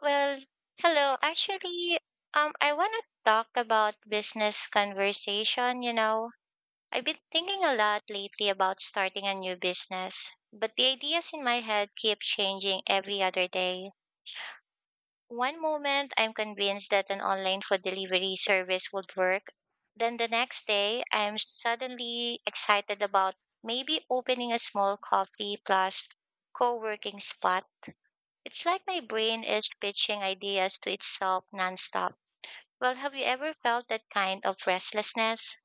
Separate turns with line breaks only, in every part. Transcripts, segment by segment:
Well, hello. I want to talk about business conversation. You know, I've been thinking a lot lately about starting a new business, but the ideas in my head keep changing every other day. One moment, I'm convinced that an online food delivery service would work. Then the next day, I'm suddenly excited about maybe opening a small coffee plus co working spot. It's like my brain is pitching ideas to itself nonstop. Well, have you ever felt that kind of restlessness?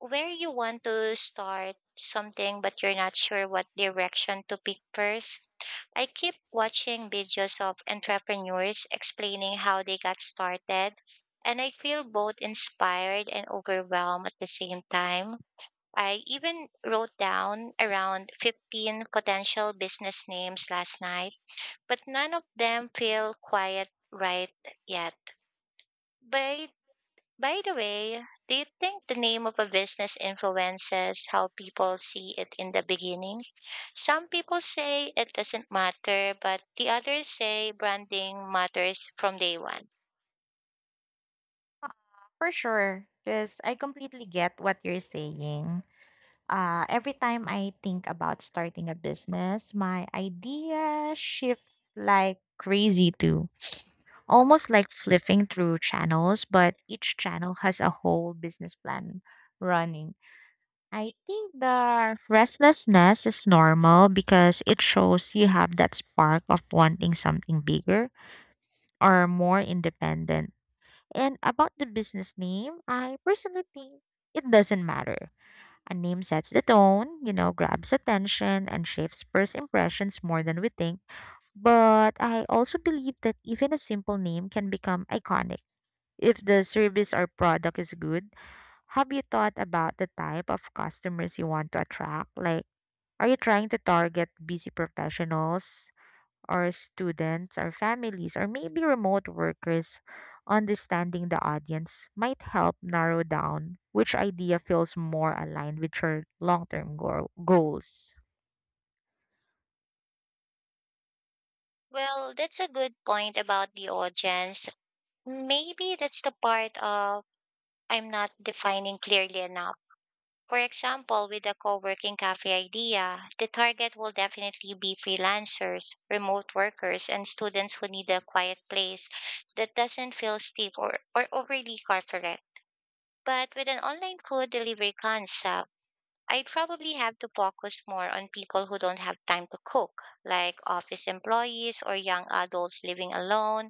Where you want to start something but you're not sure what direction to pick first? I keep watching videos of entrepreneurs explaining how they got started, and I feel both inspired and overwhelmed at the same time. I even wrote down around 15 potential business names last night, but none of them feel quite right yet. By by the way, do you think the name of a business influences how people see it in the beginning? Some people say it doesn't matter, but the others say branding matters from day one.
Uh, for sure, because I completely get what you're saying. Every time I think about starting a business, my idea shift like crazy too. Almost like flipping through channels, but each channel has a whole business plan running. I think the restlessness is normal because it shows you have that spark of wanting something bigger or more independent. And about the business name, I personally think it doesn't matter. A name sets the tone, you know, grabs attention and shapes first impressions more than we think. But I also believe that even a simple name can become iconic. If the service or product is good, have you thought about the type of customers you want to attract? Like, are you trying to target busy professionals, or students or families or maybe remote workers, understanding the audience might help narrow down which idea feels more aligned with your long term goals.
Well, that's a good point about the audience. Maybe that's the part of I'm not defining clearly enough. For example, with the co-working cafe idea, the target will definitely be freelancers, remote workers, and students who need a quiet place that doesn't feel steep or overly corporate. But with an online food delivery concept, I'd probably have to focus more on people who don't have time to cook, like office employees or young adults living alone.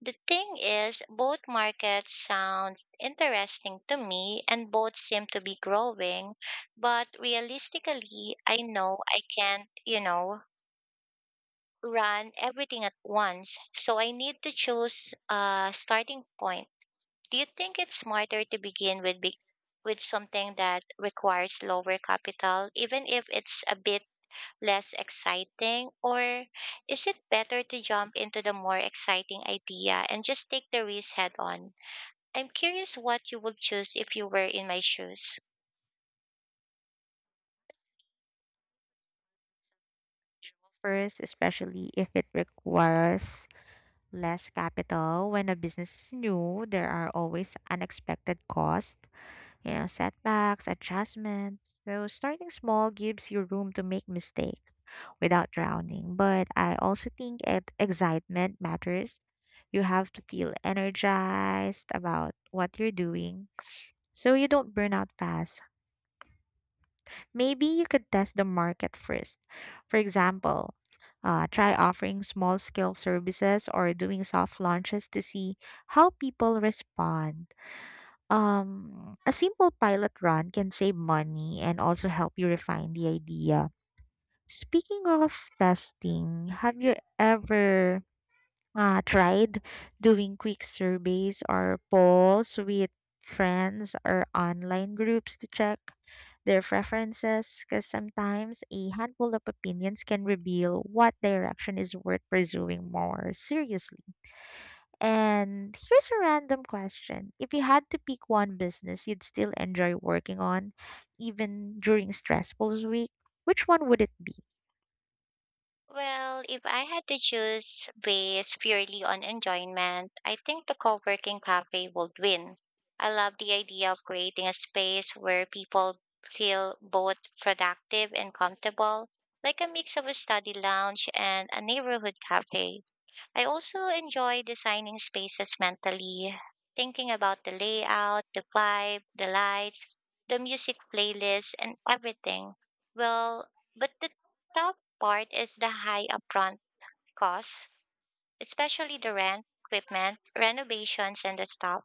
The thing is, both markets sound interesting to me and both seem to be growing, but realistically, I know I can't, you know, run everything at once. So I need to choose a starting point. Do you think it's smarter to begin with something that requires lower capital, even if it's a bit less exciting, or is it better to jump into the more exciting idea and just take the risk head on? I'm curious what you would choose if you were in my shoes.
First, especially if it requires less capital. When a business is new, there are always unexpected costs, you know, setbacks, adjustments. So starting small gives you room to make mistakes without drowning. But I also think it, excitement matters. You have to feel energized about what you're doing so you don't burn out fast. Maybe you could test the market first. For example, try offering small scale services or doing soft launches to see how people respond. A simple pilot run can save money and also help you refine the idea. Speaking of testing, have you ever tried doing quick surveys or polls with friends or online groups to check their preferences? Because sometimes a handful of opinions can reveal what direction is worth pursuing more seriously. And here's a random question. If you had to pick one business you'd still enjoy working on, even during stressful week, which one would it be?
Well, if I had to choose based purely on enjoyment, I think the co-working cafe would win. I love the idea of creating a space where people feel both productive and comfortable, like a mix of a study lounge and a neighborhood cafe. I also enjoy designing spaces mentally, thinking about the layout, the vibe, the lights, the music playlist, and everything. Well, but the top part is the high upfront costs, especially the rent, equipment, renovations, and the stuff.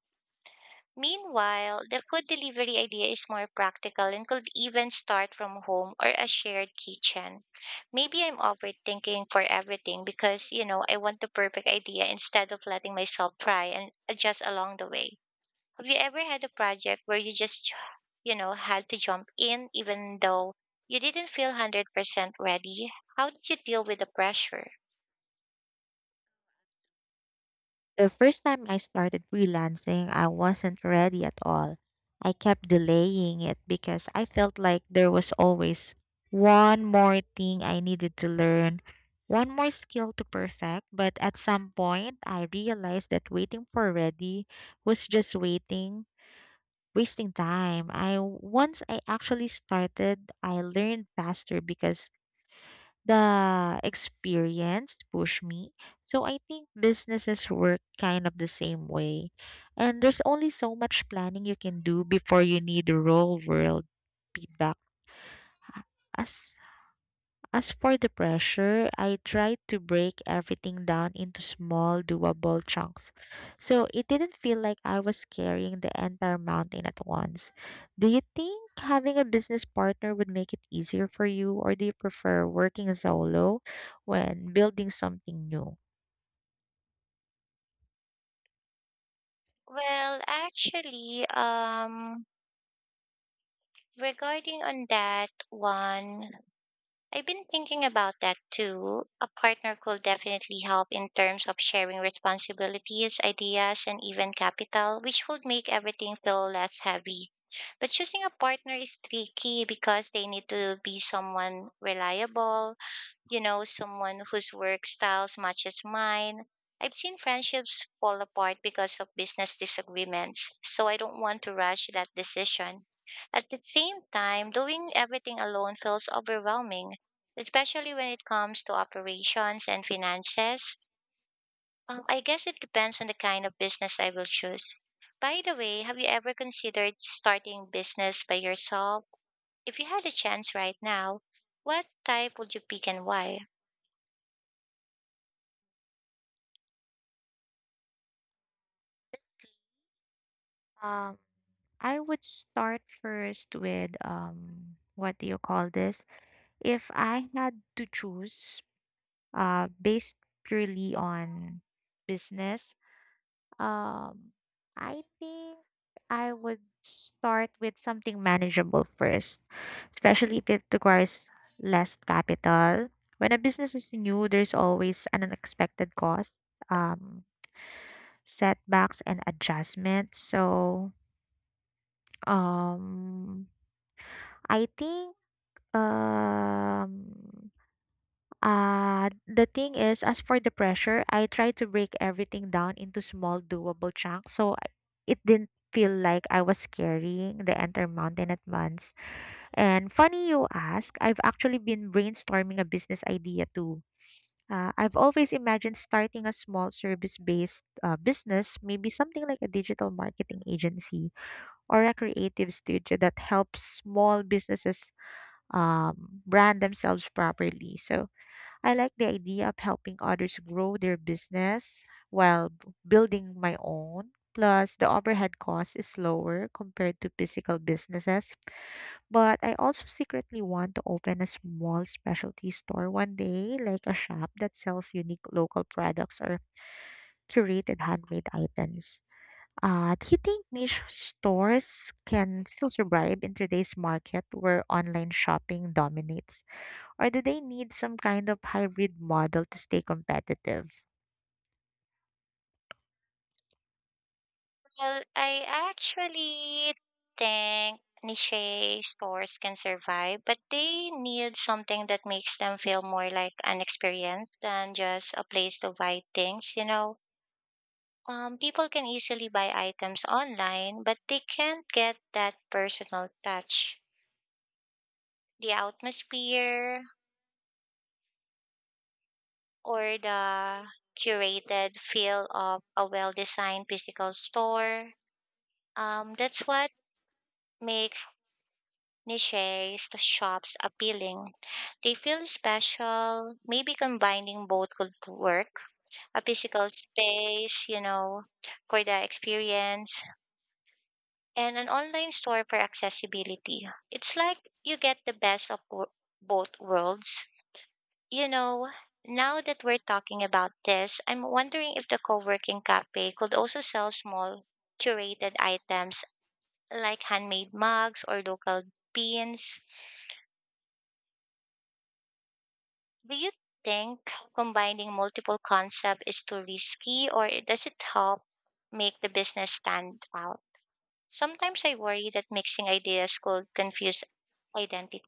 Meanwhile, the food delivery idea is more practical and could even start from home or a shared kitchen. Maybe I'm overthinking for everything because, you know, I want the perfect idea instead of letting myself try and adjust along the way. Have you ever had a project where you know, had to jump in even though you didn't feel 100% ready? How did you deal with the pressure?
The first time I started freelancing, I wasn't ready at all. I kept delaying it because I felt like there was always one more thing I needed to learn, one more skill to perfect. But at some point, I realized that waiting for ready was just waiting wasting time. I once I actually started, I learned faster because the experience pushed me. So I think businesses work kind of the same way. And there's only so much planning you can do before you need real world feedback. As as for the pressure, I tried to break everything down into small, doable chunks. So it didn't feel like I was carrying the entire mountain at once. Do you think having a business partner would make it easier for you, or do you prefer working solo when building something new?
Well, actually, um, regarding on that one, I've been thinking about that too. A partner could definitely help in terms of sharing responsibilities, ideas, and even capital, which would make everything feel less heavy. But choosing a partner is tricky because they need to be someone reliable, you know, someone whose work styles matches mine. I've seen friendships fall apart because of business disagreements, so I don't want to rush that decision. At the same time, doing everything alone feels overwhelming, especially when it comes to operations and finances. I guess it depends on the kind of business I will choose. By the way, have you ever considered starting business by yourself? If you had a chance right now, what type would you pick and why?
Um, I would start first with what do you call this? If I had to choose based purely on business, um, I think I would start with something manageable first, especially if it requires less capital. When a business is new, there's always an unexpected cost, um, setbacks, and adjustments. So, um, I think um the thing is, as for the pressure, I try to break everything down into small, doable chunks. It didn't feel like I was carrying the entire mountain at once. And funny you ask, I've actually been brainstorming a business idea too. I've always imagined starting a small service based business, maybe something like a digital marketing agency or a creative studio that helps small businesses brand themselves properly. So I like the idea of helping others grow their business while building my own. Plus, the overhead cost is lower compared to physical businesses. But I also secretly want to open a small specialty store one day, like a shop that sells unique local products or curated handmade items. Do you think niche stores can still survive in today's market where online shopping dominates? Or do they need some kind of hybrid model to stay competitive?
Well, I actually think niche stores can survive, but they need something that makes them feel more like an experience than just a place to buy things, you know. People can easily buy items online, but they can't get that personal touch. The atmosphere or the curated feel of a well-designed physical store. That's what makes niches the shops appealing. They feel special. Maybe combining both could work. A physical space, you know, for the experience, and an online store for accessibility. It's like you get the both worlds. You know, now that we're talking about this, I'm wondering if the co working cafe could also sell small curated items like handmade mugs or local pins. Do you think combining multiple concepts is too risky or does it help make the business stand out? Sometimes I worry that mixing ideas could confuse identity.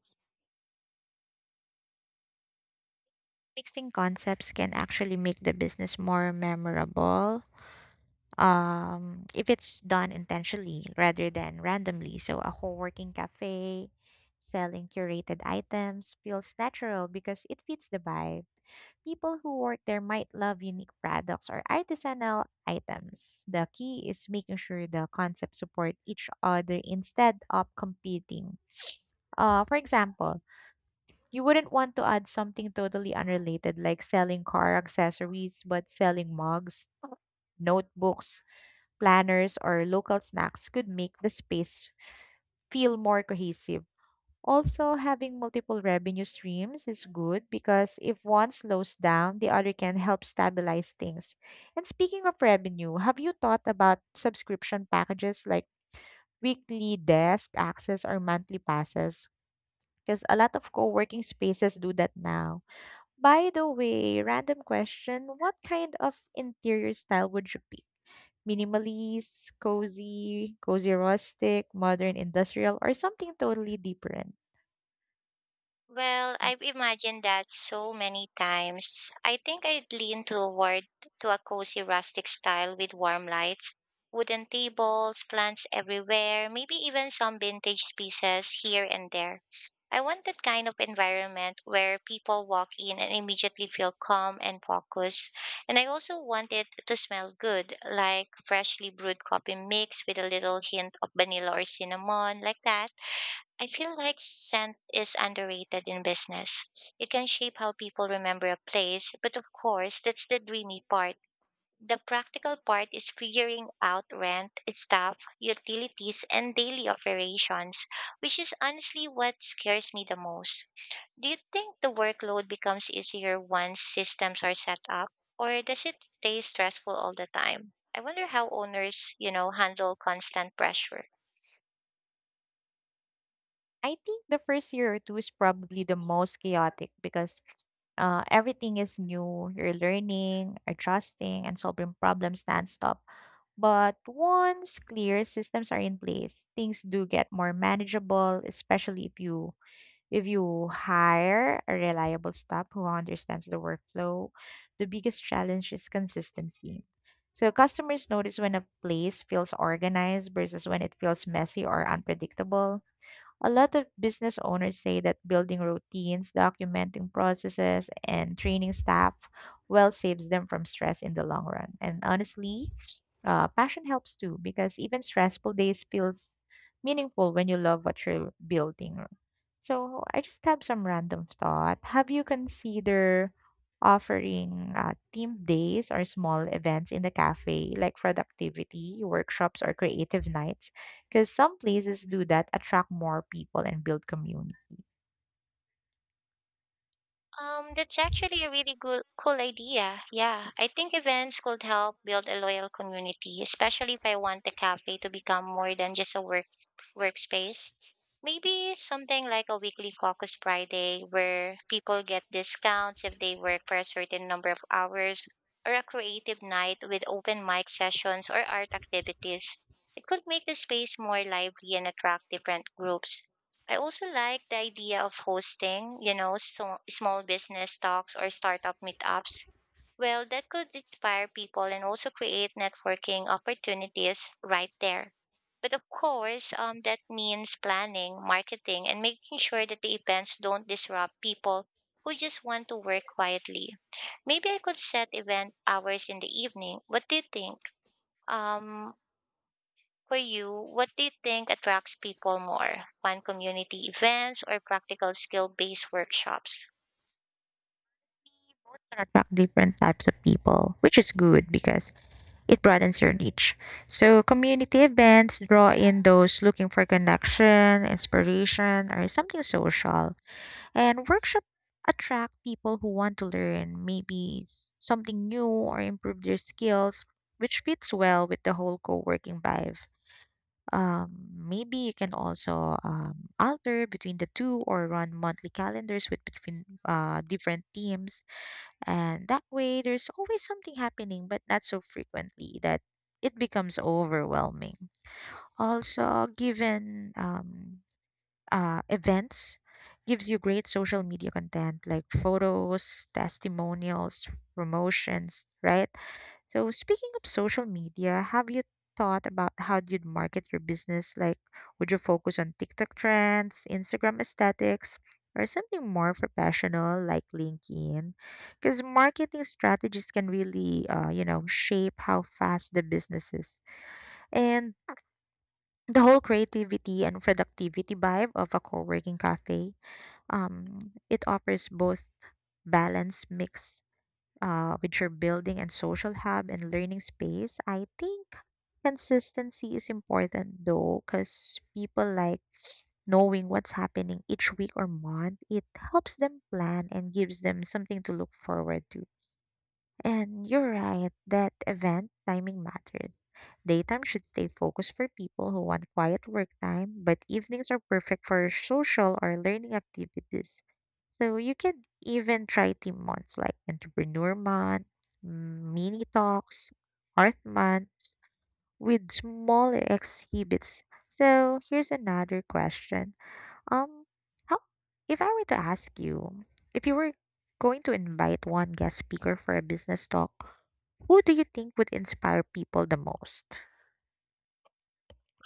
Mixing concepts can actually make the business more memorable if it's done intentionally rather than randomly. So, a co working cafe selling curated items feels natural because it fits the vibe. People who work there might love unique products or artisanal items. The key is making sure the concepts support each other instead of competing. For example, you wouldn't want to add something totally unrelated like selling car accessories, but selling mugs, notebooks, planners, or local snacks could make the space feel more cohesive. Also, having multiple revenue streams is good because if one slows down, the other can help stabilize things. And speaking of revenue, have you thought about subscription packages like weekly desk access or monthly passes? Because a lot of co working spaces do that now. By the way, random question, what kind of interior style would you pick? Minimalist, cozy, cozy rustic, modern industrial, or something totally different?
Well, I've imagined that so many times. I think I'd lean toward to a cozy rustic style with warm lights, wooden tables, plants everywhere, maybe even some vintage pieces here and there. I want that kind of environment where people walk in and immediately feel calm and focused. And I also want it to smell good, like freshly brewed coffee mix with a little hint of vanilla or cinnamon, like that. I feel like scent is underrated in business. It can shape how people remember a place, but of course, that's the dreamy part. The practical part is figuring out rent, staff, utilities, and daily operations, which is honestly what scares me the most. Do you think the workload becomes easier once systems are set up, or does it stay stressful all the time? I wonder how owners, you know, handle constant pressure.
I think the first year or two is probably the most chaotic because everything is new. You're learning, adjusting, and solving problems nonstop. But once clear systems are in place, things do get more manageable, especially if you hire a reliable staff who understands the workflow, the biggest challenge is consistency. So customers notice when a place feels organized versus when it feels messy or unpredictable. A lot of business owners say that building routines, documenting processes, and training staff well saves them from stress in the long run. And honestly, passion helps too because even stressful days feels meaningful when you love what you're building. So I just have some random thought. Have you considered offering team days or small events in the cafe, like productivity workshops or creative nights? Because some places do that, attract more people and build community.
That's actually a really good, cool idea. Yeah, I think events could help build a loyal community, especially if I want the cafe to become more than just a workspace. Maybe something like a weekly focus Friday where people get discounts if they work for a certain number of hours, or a creative night with open mic sessions or art activities. It could make the space more lively and attract different groups. I also like the idea of hosting, you know, small business talks or startup meetups. Well, that could inspire people and also create networking opportunities right there. But of course, that means planning, marketing, and making sure that the events don't disrupt people who just want to work quietly. Maybe I could set event hours in the evening. What do you think? Um, for you, what do you think attracts people more? Fun community events or practical skill based workshops?
We both can attract different types of people, which is good because it broadens your niche. So community events draw in those looking for connection, inspiration, or something social. And workshop attract people who want to learn maybe something new or improve their skills, which fits well with the whole co-working vibe. Maybe you can also alter between the two or run monthly calendars with between different teams. And that way, there's always something happening, but not so frequently that it becomes overwhelming. Also, given events, gives you great social media content like photos, testimonials, promotions, right? So, speaking of social media, have you thought about how you'd market your business? Like, would you focus on TikTok trends, Instagram aesthetics, or something more professional like LinkedIn? Because marketing strategies can really, you know, shape how fast the business is. And the whole creativity and productivity vibe of a co-working cafe, um, it offers both balance mix with your building and social hub and learning space, I think consistency is important though, because people like knowing what's happening each week or month. It helps them plan and gives them something to look forward to. And you're right that event timing matters. Daytime should stay focused for people who want quiet work time, but evenings are perfect for social or learning activities. So you can even try team months like Entrepreneur Month, Mini Talks, Art Month with smaller exhibits. So here's another question. Um, how if I were to ask you if you were going to invite one guest speaker for a business talk, who do you think would inspire people the most?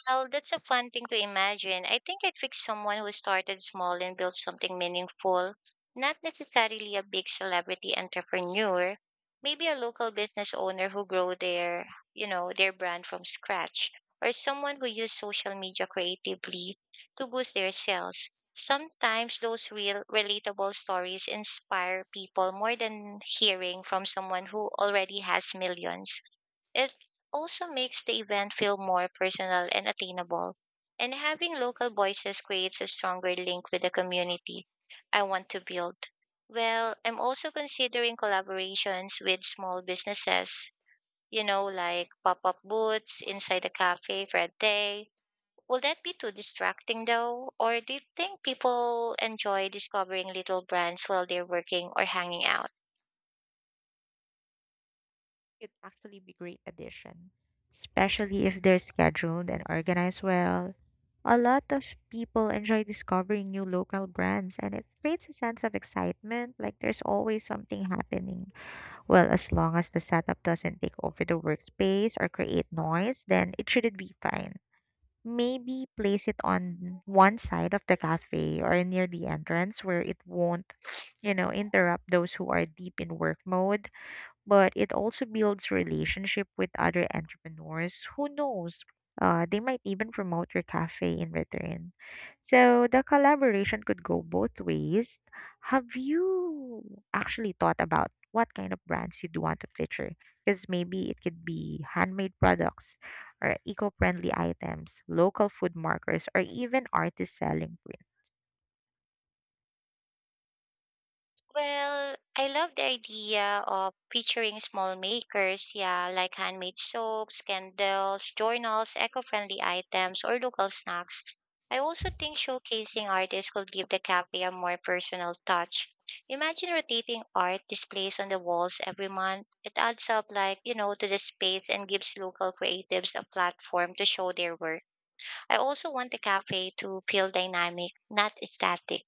Well, that's a fun thing to imagine. I think I'd pick someone who started small and built something meaningful, not necessarily a big celebrity entrepreneur, maybe a local business owner who grow their, you know, their brand from scratch, or someone who use social media creatively to boost their sales. Sometimes those real relatable stories inspire people more than hearing from someone who already has millions. It also makes the event feel more personal and attainable. And having local voices creates a stronger link with the community I want to build. Well, I'm also considering collaborations with small businesses, you know, like pop up booths inside a cafe for a day. Will that be too distracting though? Or do you think people enjoy discovering little brands while they're working or hanging out?
It'd actually be great addition, especially if they're scheduled and organized well. A lot of people enjoy discovering new local brands and it creates a sense of excitement, like there's always something happening. Well, as long as the setup doesn't take over the workspace or create noise, then it shouldn't be fine. Maybe place it on one side of the cafe or near the entrance where it won't, you know, interrupt those who are deep in work mode but it also builds relationship with other entrepreneurs. Who knows? They might even promote your cafe in return. So the collaboration could go both ways. Have you actually thought about what kind of brands you'd want to feature? Because maybe it could be handmade products or eco-friendly items, local food markers, or even artists selling print
Well, I love the idea of featuring small makers, yeah, like handmade soaps, candles, journals, eco-friendly items, or local snacks. I also think showcasing artists could give the cafe a more personal touch. Imagine rotating art displays on the walls every month. It adds up like, you know, to the space and gives local creatives a platform to show their work. I also want the cafe to feel dynamic, not static,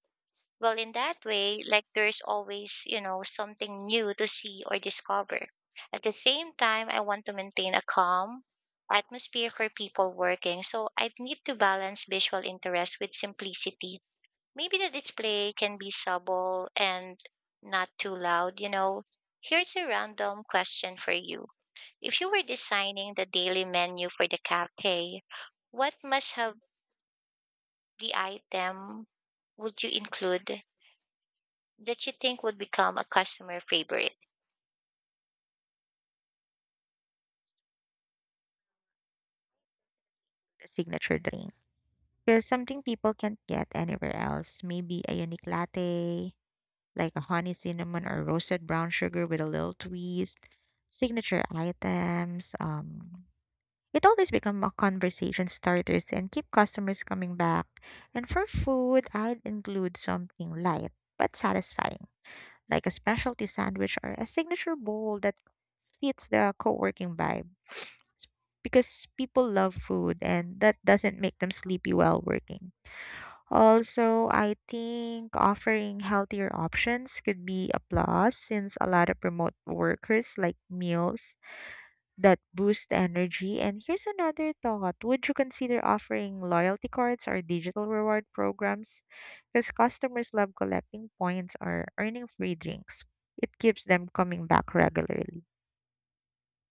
well, in that way, like there's always, you know, something new to see or discover. At the same time, I want to maintain a calm atmosphere for people working. So I'd need to balance visual interest with simplicity. Maybe the display can be subtle and not too loud, you know. Here's a random question for you. If you were designing the daily menu for the cafe, what must have the item would you include that you think would become a customer favorite?
signature drink. Because something people can't get anywhere else. Maybe a unique latte, like a honey cinnamon or roasted brown sugar with a little twist, signature items. It always become a conversation starters and keep customers coming back. And for food, I'd include something light but satisfying, like a specialty sandwich or a signature bowl that fits the co-working vibe. Because people love food and that doesn't make them sleepy while working. Also, I think offering healthier options could be a plus since a lot of remote workers like meals that boost energy. And here's another thought. Would you consider offering loyalty cards or digital reward programs? Because customers love collecting points or earning free drinks. It keeps them coming back regularly.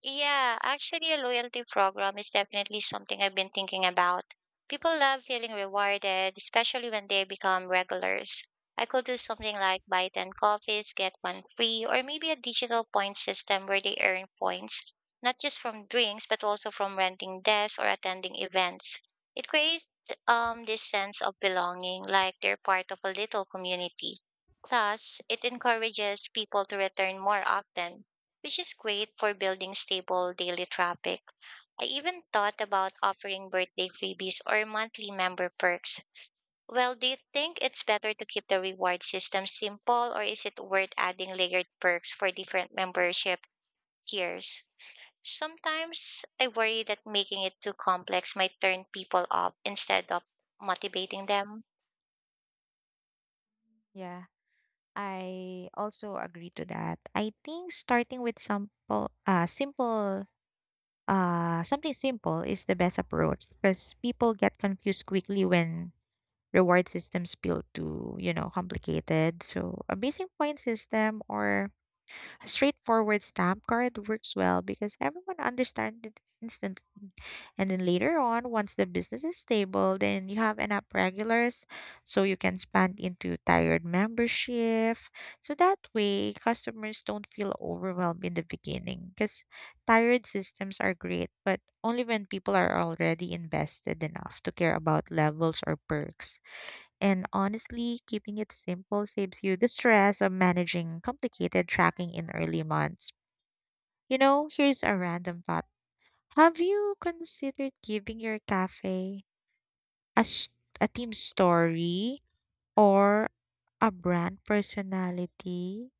Yeah, actually, a loyalty program is definitely something I've been thinking about. People love feeling rewarded, especially when they become regulars. I could do something like buy 10 coffees, get one free, or maybe a digital point system where they earn points, not just from drinks, but also from renting desks or attending events. It creates this sense of belonging, like they're part of a little community. Plus, it encourages people to return more often, which is great for building stable daily traffic. I even thought about offering birthday freebies or monthly member perks. Well, do you think it's better to keep the reward system simple or is it worth adding layered perks for different membership tiers? Sometimes I worry that making it too complex might turn people off instead of motivating them.
Yeah, I also agree to that. I think starting with simple, something simple is the best approach because people get confused quickly when reward systems feel too complicated. So a basic point system or a straightforward stamp card works well because everyone understands it instantly. And then later on, once the business is stable, then you have enough regulars so you can expand into tiered membership. So that way, customers don't feel overwhelmed in the beginning because tiered systems are great, but only when people are already invested enough to care about levels or perks. And honestly, keeping it simple saves you the stress of managing complicated tracking in early months. You know, here's a random thought. Have you considered giving your cafe a, s- a team story or a brand personality?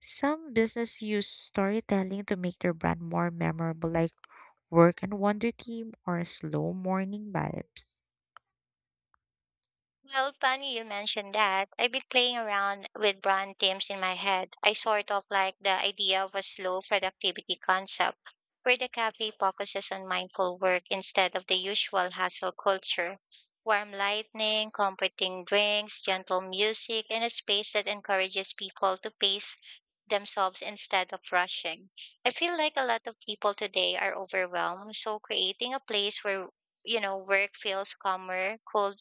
Some business use storytelling to make their brand more memorable, like Work and Wonder Team or Slow Morning Vibes.
Well, funny you mentioned that. I've been playing around with brand themes in my head. I sort of like the idea of a slow productivity concept where the cafe focuses on mindful work instead of the usual hustle culture. Warm lighting, comforting drinks, gentle music, and a space that encourages people to pace themselves instead of rushing. I feel like a lot of people today are overwhelmed, so creating a place where you know work feels calmer, cool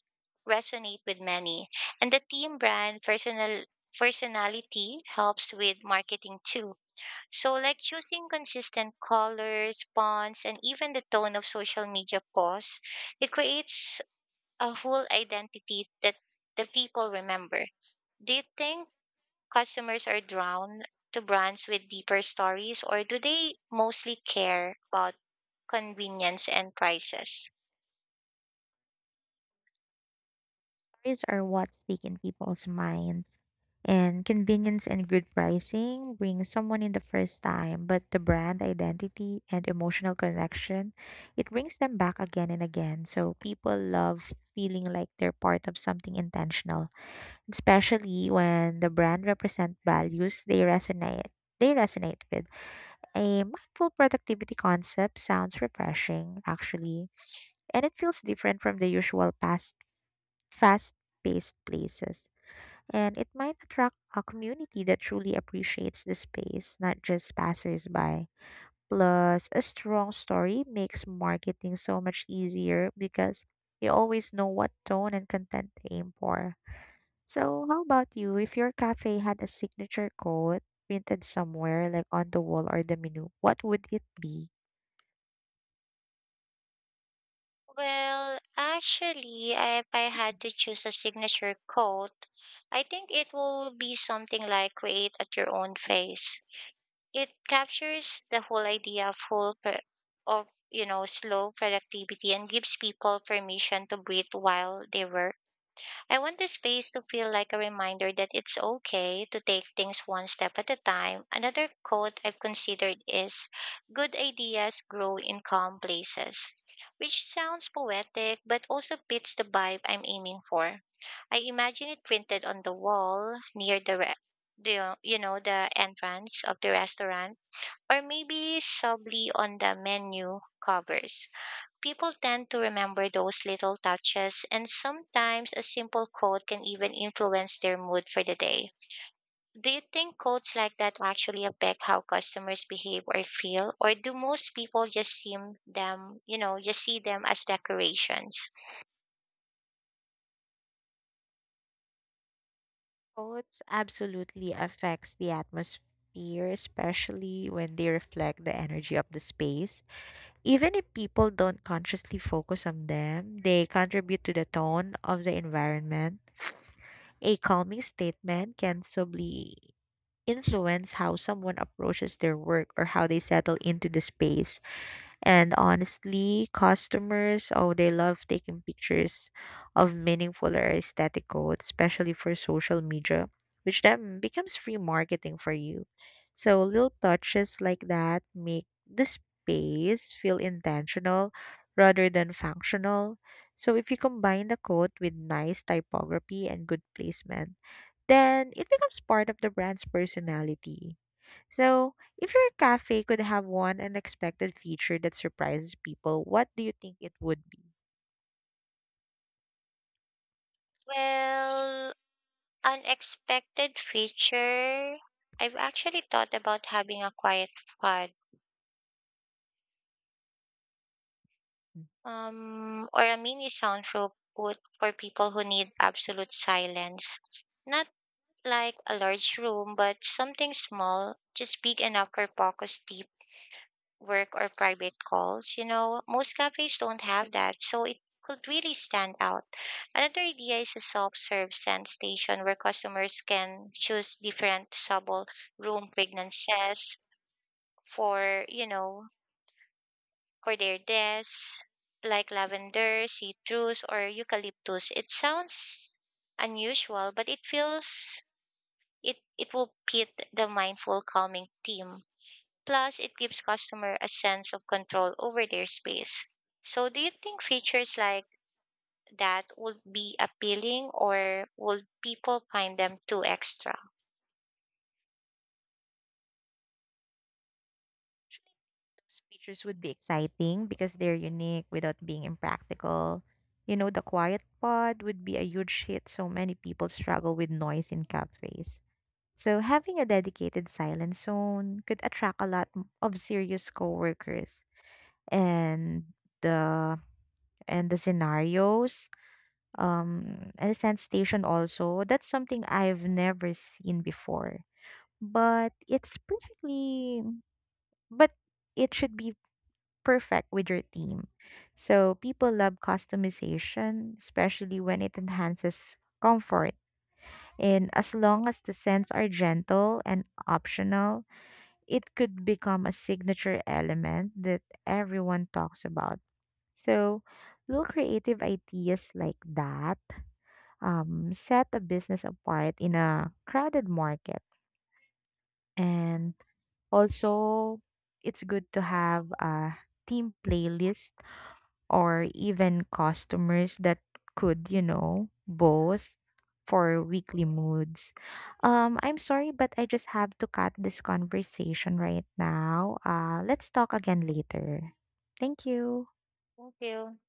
resonate with many. And the team brand personal personality helps with marketing too. So like choosing consistent colors, fonts, and even the tone of social media posts, it creates a whole identity that the people remember. Do you think customers are drawn to brands with deeper stories or do they mostly care about convenience and prices?
Stories are what stick in people's minds. And convenience and good pricing bring someone in the first time, but the brand identity and emotional connection, it brings them back again and again. So people love feeling like they're part of something intentional, especially when the brand represent values they resonate with. A mindful productivity concept sounds refreshing actually, and it feels different from the usual past fast-paced places, and it might attract a community that truly appreciates the space, not just passersby. Plus, a strong story makes marketing so much easier because you always know what tone and content to aim for. So, how about you? If your cafe had a signature code printed somewhere, like on the wall or the menu, what would it be?
If I had to choose a signature coat, I think it will be something like create at your own face. It captures the whole idea of you know slow productivity and gives people permission to breathe while they work. I want this space to feel like a reminder that it's okay to take things one step at a time. Another quote I've considered is good ideas grow in calm places, which sounds poetic but also fits the vibe I'm aiming for. I imagine it printed on the wall near the you know the entrance of the restaurant or maybe subtly on the menu covers. People tend to remember those little touches, and sometimes a simple quote can even influence their mood for the day. Do you think quotes like that actually affect how customers behave or feel, or do most people you know, just see them as decorations?
Codes absolutely affects the atmosphere, especially when they reflect the energy of the space. Even if people don't consciously focus on them, they contribute to the tone of the environment. A calming statement can subtly influence how someone approaches their work or how they settle into the space. And honestly, customers, oh, they love taking pictures of meaningful or aesthetic quotes, especially for social media, which then becomes free marketing for you. So little touches like that make the space feel intentional rather than functional. So if you combine the quote with nice typography and good placement, then it becomes part of the brand's personality. So, if your cafe could have one unexpected feature that surprises people, what do you think it would be?
Well, unexpected feature. I've actually thought about having a quiet pod,
Mm.
or a mini soundproof booth for people who need absolute silence, not like a large room, but something small, just big enough for focused deep work or private calls. You know, most cafes don't have that, so it could really stand out. Another idea is a self-serve scent station where customers can choose different subtle room fragrances for, for their desks, like lavender, citrus, or eucalyptus. It sounds unusual, but it feels it will pit the mindful calming theme. Plus, it gives customer a sense of control over their space. So, do you think features like that would be appealing, or would people find them too extra?
Those features would be exciting because they're unique without being impractical. You know, the quiet pod would be a huge hit, so many people struggle with noise in cafes. So, having a dedicated silent zone could attract a lot of serious coworkers. And the and the scenarios a scent station also, that's something I've never seen before, but it's perfectly but it should be perfect with your theme. So people love customization, especially when it enhances comfort, and as long as the scents are gentle and optional, it could become a signature element that everyone talks about. So little creative ideas like that, set a business apart in a crowded market. And also, it's good to have a team playlist or even customers that could, you know, both for weekly moods. I'm sorry, but I just have to cut this conversation right now. Let's talk again later. Thank you.
Thank you.